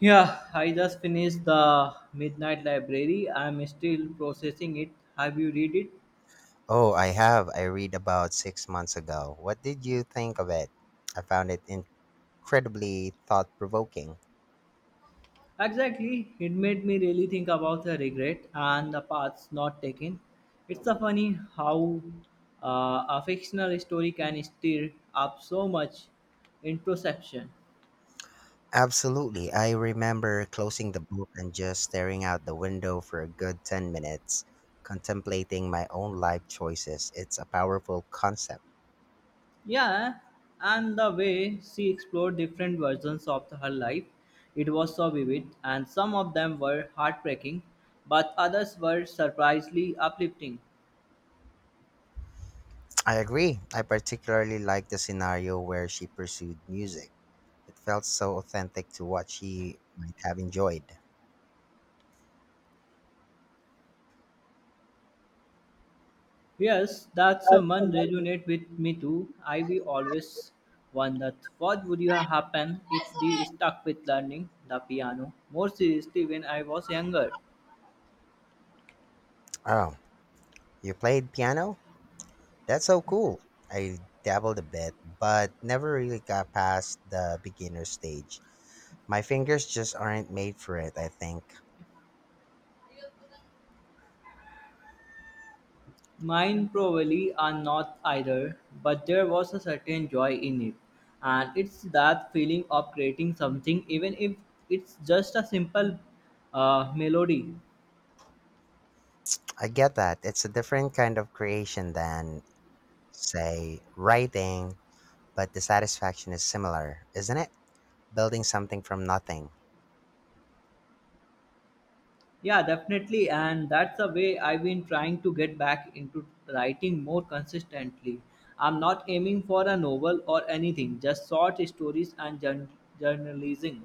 Yeah, I just finished the Midnight Library. I'm still processing it. Have you read it? Oh, I have. I read about 6 months ago. What did you think of it? I found it incredibly thought provoking. Exactly. It made me really think about the regret and the paths not taken. It's a funny how a fictional story can stir up so much introspection. Absolutely. I remember closing the book and just staring out the window for a good 10 minutes, contemplating my own life choices. It's a powerful concept. Yeah, and the way she explored different versions of her life, it was so vivid, and some of them were heartbreaking, but others were surprisingly uplifting. I agree. I particularly liked the scenario where she pursued music. It felt so authentic to what she might have enjoyed. Yes, that's a one resonate with me too. I we always wondered what would you happen if they stuck with learning the piano. More seriously, when I was younger, Oh, you played piano? That's so cool. I dabbled a bit, but never really got past the beginner stage. My fingers just aren't made for it, I think. mine probably are not either, but there was a certain joy in it, and it's that feeling of creating something, even if it's just a simple melody. I get that. It's a different kind of creation than, say, writing, but the satisfaction is similar, isn't it? Building something from nothing. Yeah, definitely. And that's the way I've been trying to get back into writing more consistently. I'm not aiming for a novel or anything, just short stories and journalism.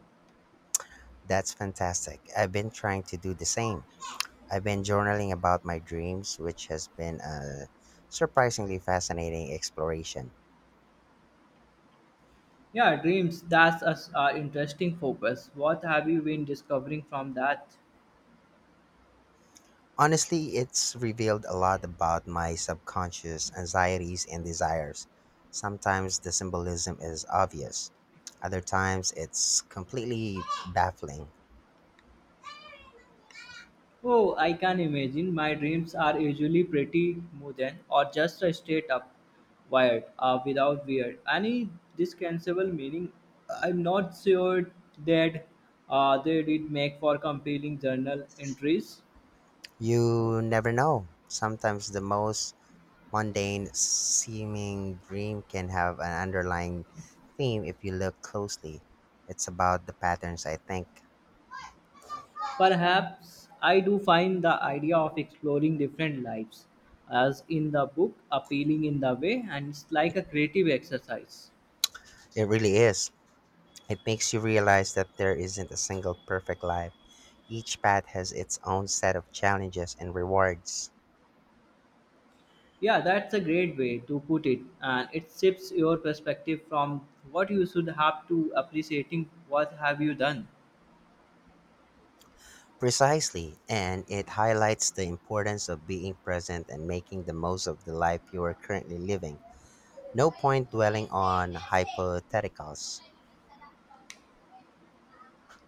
That's fantastic. I've been trying to do the same. I've been journaling about my dreams, which has been a surprisingly fascinating exploration. Yeah, dreams, that's interesting focus. What have you been discovering from that? Honestly, it's revealed a lot about my subconscious anxieties and desires. Sometimes the symbolism is obvious, other times it's completely baffling. Oh, I can imagine. My dreams are usually pretty modern or just a straight up wired without weird. Any dispensable meaning, I'm not sure that they did make for compelling journal entries. You never know. Sometimes the most mundane seeming dream can have an underlying theme if you look closely. It's about the patterns, I think. Perhaps I do find the idea of exploring different lives as in the book appealing in the way and it's like a creative exercise. It really is. It makes you realize that there isn't a single perfect life. Each path has its own set of challenges and rewards. Yeah, that's a great way to put it, and it shifts your perspective from what you should have to appreciating what have you done. Precisely, and it highlights the importance of being present and making the most of the life you are currently living. No point dwelling on hypotheticals.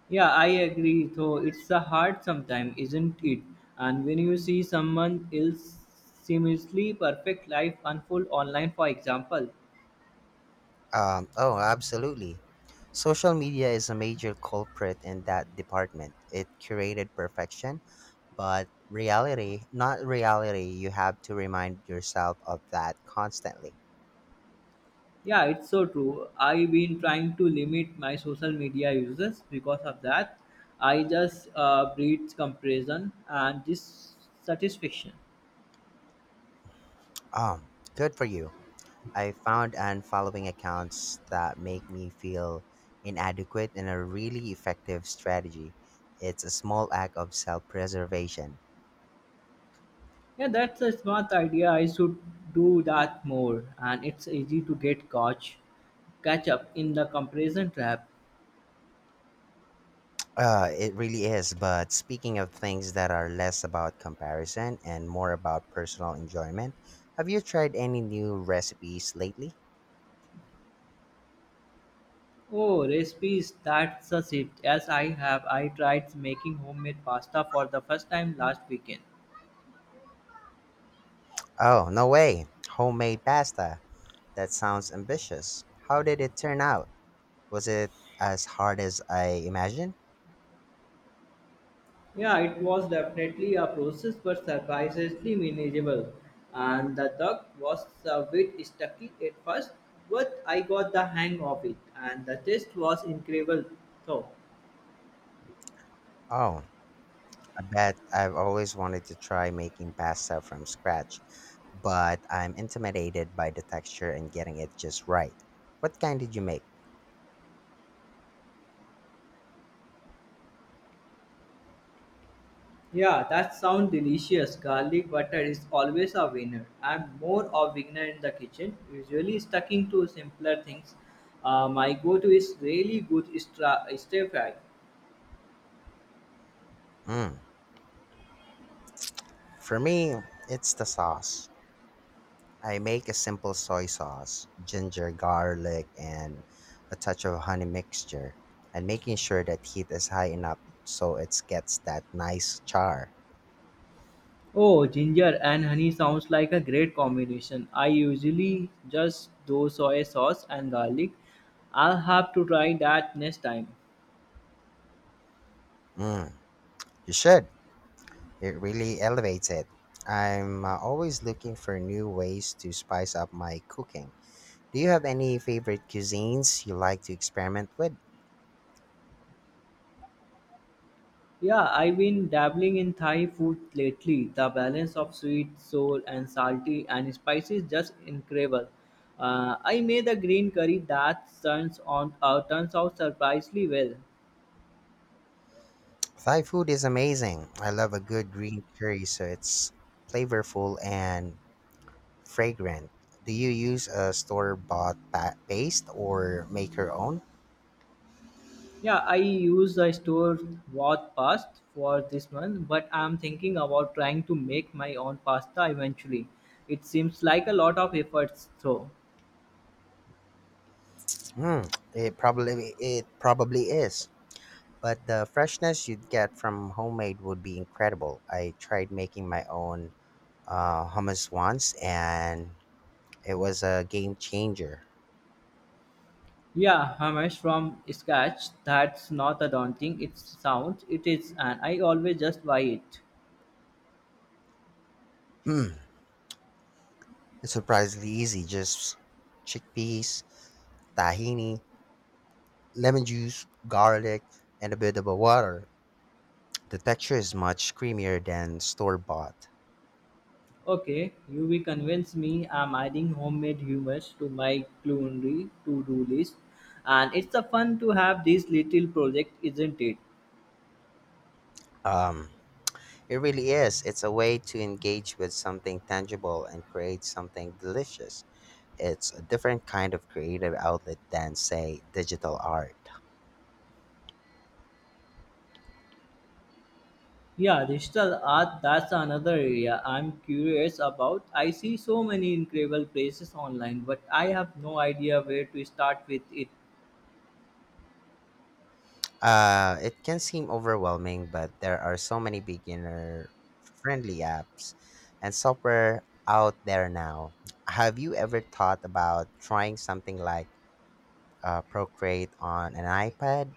Yeah, I agree. Though it's a hard sometimes, isn't it? And when you see someone else seamlessly perfect life unfold online, for example, Oh, absolutely. Social media is a major culprit in that department. It curated perfection, but reality, not reality, you have to remind yourself of that constantly. yeah, it's so true. I've been trying to limit my social media uses because of that. I just breeds comparison and dissatisfaction. Um, Good for you. I found and following accounts that make me feel inadequate in a really effective strategy. It's a small act of self preservation. Yeah, that's a smart idea. I should do that more. And it's easy to catch up in the comparison trap. It really is. But speaking of things that are less about comparison and more about personal enjoyment, have you tried any new recipes lately? Oh, recipes, that's a shift. Yes, I have. I tried making homemade pasta for the first time last weekend. Oh, no way. Homemade pasta. That sounds ambitious. How did it turn out? Was it as hard as I imagined? Yeah, it was definitely a process, but surprisingly manageable. And the duck was a bit sticky at first, but I got the hang of it, and the taste was incredible. So. Oh, I bet I've always wanted to try making pasta from scratch, but I'm intimidated by the texture and getting it just right. What kind did you make? Yeah, that sounds delicious. Garlic butter is always a winner. I'm more of beginner in the kitchen, usually sticking to simpler things. My go-to is really good stir fry. Mm. For me, it's the sauce. I make a simple soy sauce, ginger, garlic, and a touch of honey mixture, and making sure that heat is high enough so it gets that nice char. Oh, ginger and honey sounds like a great combination. I usually just do soy sauce and garlic. I'll have to try that next time. Mm, you should. It really elevates it. I'm always looking for new ways to spice up my cooking. Do you have any favorite cuisines you like to experiment with? Yeah, I've been dabbling in Thai food lately. The balance of sweet, sour, and salty and spicy is just incredible. I made a green curry that turns out surprisingly well. Thai food is amazing. I love a good green curry, so it's flavorful and fragrant. Do you use a store-bought paste or make your own? Yeah, I use the store bought pasta for this one, but I'm thinking about trying to make my own pasta eventually. It seems like a lot of efforts though. Hmm, it probably is. But the freshness you'd get from homemade would be incredible. I tried making my own hummus once, and it was a game changer. Yeah, Hamish from scratch. That's not a daunting. It sounds it is, and I always just buy it. Hmm, it's surprisingly easy. Just chickpeas, tahini, lemon juice, garlic, and a bit of a water. The texture is much creamier than store-bought. Okay, you will convince me I'm adding homemade humors to my culinary to-do list. And it's a fun to have this little project, isn't it? Um, It really is. It's a way to engage with something tangible and create something delicious. It's a different kind of creative outlet than, say, digital art. Yeah, digital art, that's another area I'm curious about. I see so many incredible places online, but I have no idea where to start with it. It can seem overwhelming, but there are so many beginner friendly apps and software out there now. Have you ever thought about trying something like Procreate on an iPad?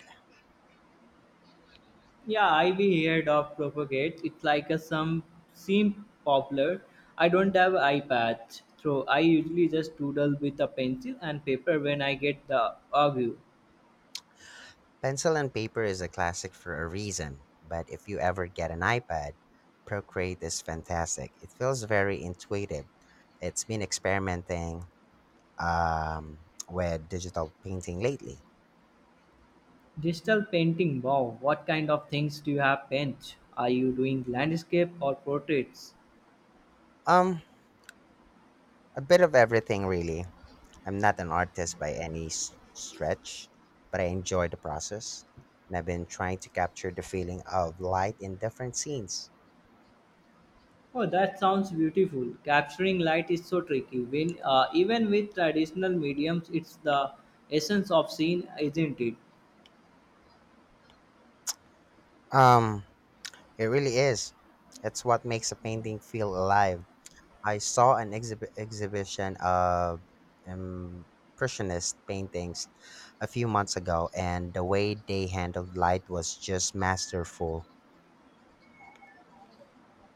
Yeah, I've heard of Propagate. It's like a some seem popular. I don't have iPad, so I usually just doodle with a pencil and paper when I get the urge. Pencil and paper is a classic for a reason, but if you ever get an iPad, Procreate is fantastic. It feels very intuitive. It's been experimenting um, with digital painting lately. Digital painting, wow, what kind of things do you have paint? Are you doing landscape or portraits? Um, a bit of everything, really. I'm not an artist by any stretch, but I enjoy the process. And I've been trying to capture the feeling of light in different scenes. Oh, that sounds beautiful. Capturing light is so tricky. When even with traditional mediums, it's the essence of scene, isn't it? Um, it really is. It's what makes a painting feel alive. I saw an exhibition of impressionist paintings a few months ago, and the way they handled light was just masterful.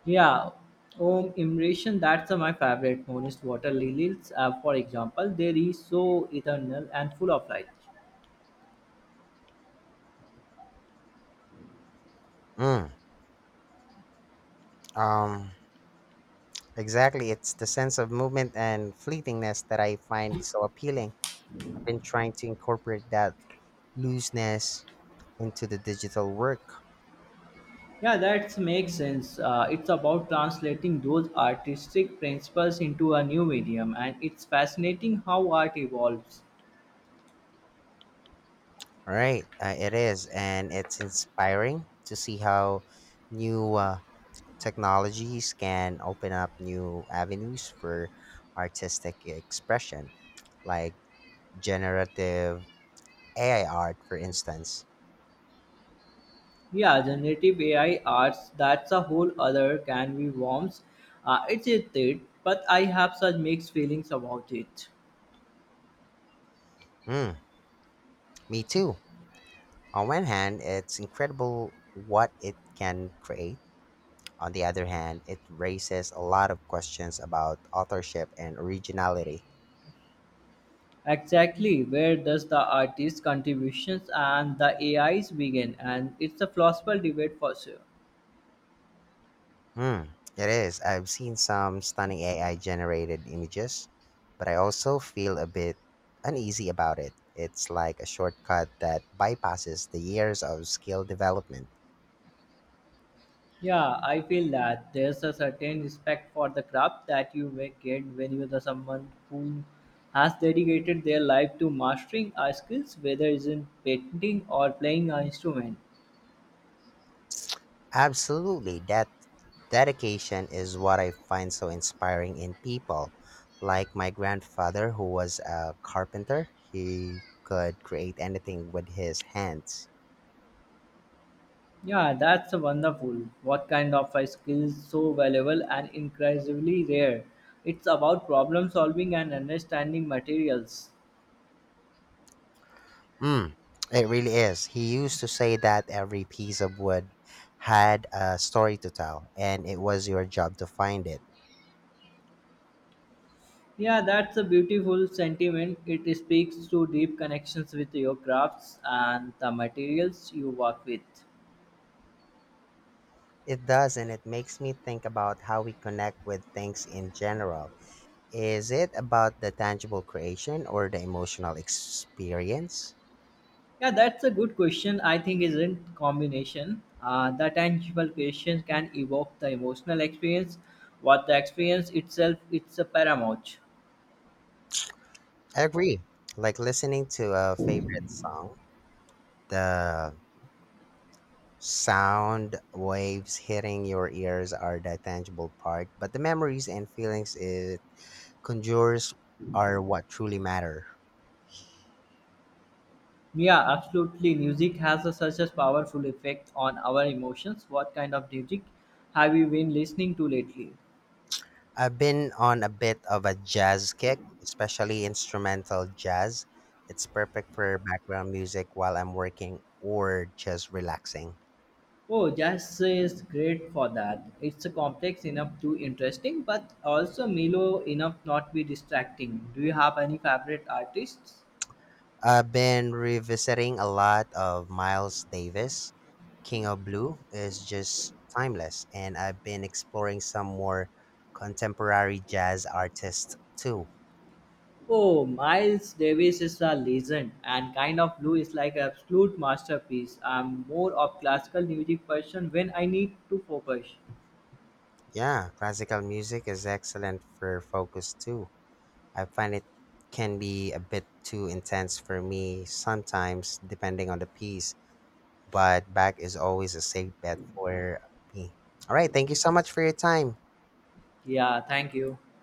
Yeah, oh, immersion, that's my favorite. Honest water lilies, for example, they are so eternal and full of light. Mm, um, exactly. It's the sense of movement and fleetingness that I find so appealing. Been trying to incorporate that looseness into the digital work. Yeah, that makes sense. It's about translating those artistic principles into a new medium, and it's fascinating how art evolves. All right, it is, and it's inspiring to see how new technologies can open up new avenues for artistic expression, like generative AI art, for instance. Yeah, generative AI arts, that's a whole other can be worms. It's a it, but I have such mixed feelings about it. Mm, me too. On one hand, it's incredible what it can create. On the other hand, it raises a lot of questions about authorship and originality. Exactly, where does the artist's contributions and the AIs begin? And it's a philosophical debate for sure. Hmm, it is. I've seen some stunning AI generated images, but I also feel a bit uneasy about it. It's like a shortcut that bypasses the years of skill development. Yeah, I feel that there's a certain respect for the craft that you may get when you're the someone who has dedicated their life to mastering a skills, whether it's in painting or playing an instrument. Absolutely, that dedication is what I find so inspiring in people. Like my grandfather, who was a carpenter, he could create anything with his hands. Yeah, that's a wonderful. What kind of a skill is so valuable and incredibly rare? It's about problem solving and understanding materials. Mm, it really is. He used to say that every piece of wood had a story to tell, and it was your job to find it. Yeah, that's a beautiful sentiment. It speaks to deep connections with your crafts and the materials you work with. It does, and it makes me think about how we connect with things in general. Is it about the tangible creation or the emotional experience? Yeah, that's a good question. I think isn't combination. The tangible creation can evoke the emotional experience, what the experience itself it's a paramount. I agree. Like listening to a favorite song, the sound waves hitting your ears are the tangible part, but the memories and feelings is conjures are what truly matter. Yeah, absolutely. Music has a, such a powerful effect on our emotions. What kind of music have you been listening to lately? I've been on a bit of a jazz kick, especially instrumental jazz. It's perfect for background music while I'm working or just relaxing. Oh, jazz is great for that. It's complex enough to interesting, but also mellow enough not be distracting. Do you have any favorite artists? I've been revisiting a lot of Miles Davis. King of Blue is just timeless, and I've been exploring some more contemporary jazz artists too. Oh, Miles Davis is a legend, and Kind of Blue is like an absolute masterpiece. I'm more of classical music person when I need to focus. Yeah, classical music is excellent for focus too. I find it can be a bit too intense for me sometimes, depending on the piece, but back is always a safe bet for me. All right, thank you so much for your time. Yeah, thank you.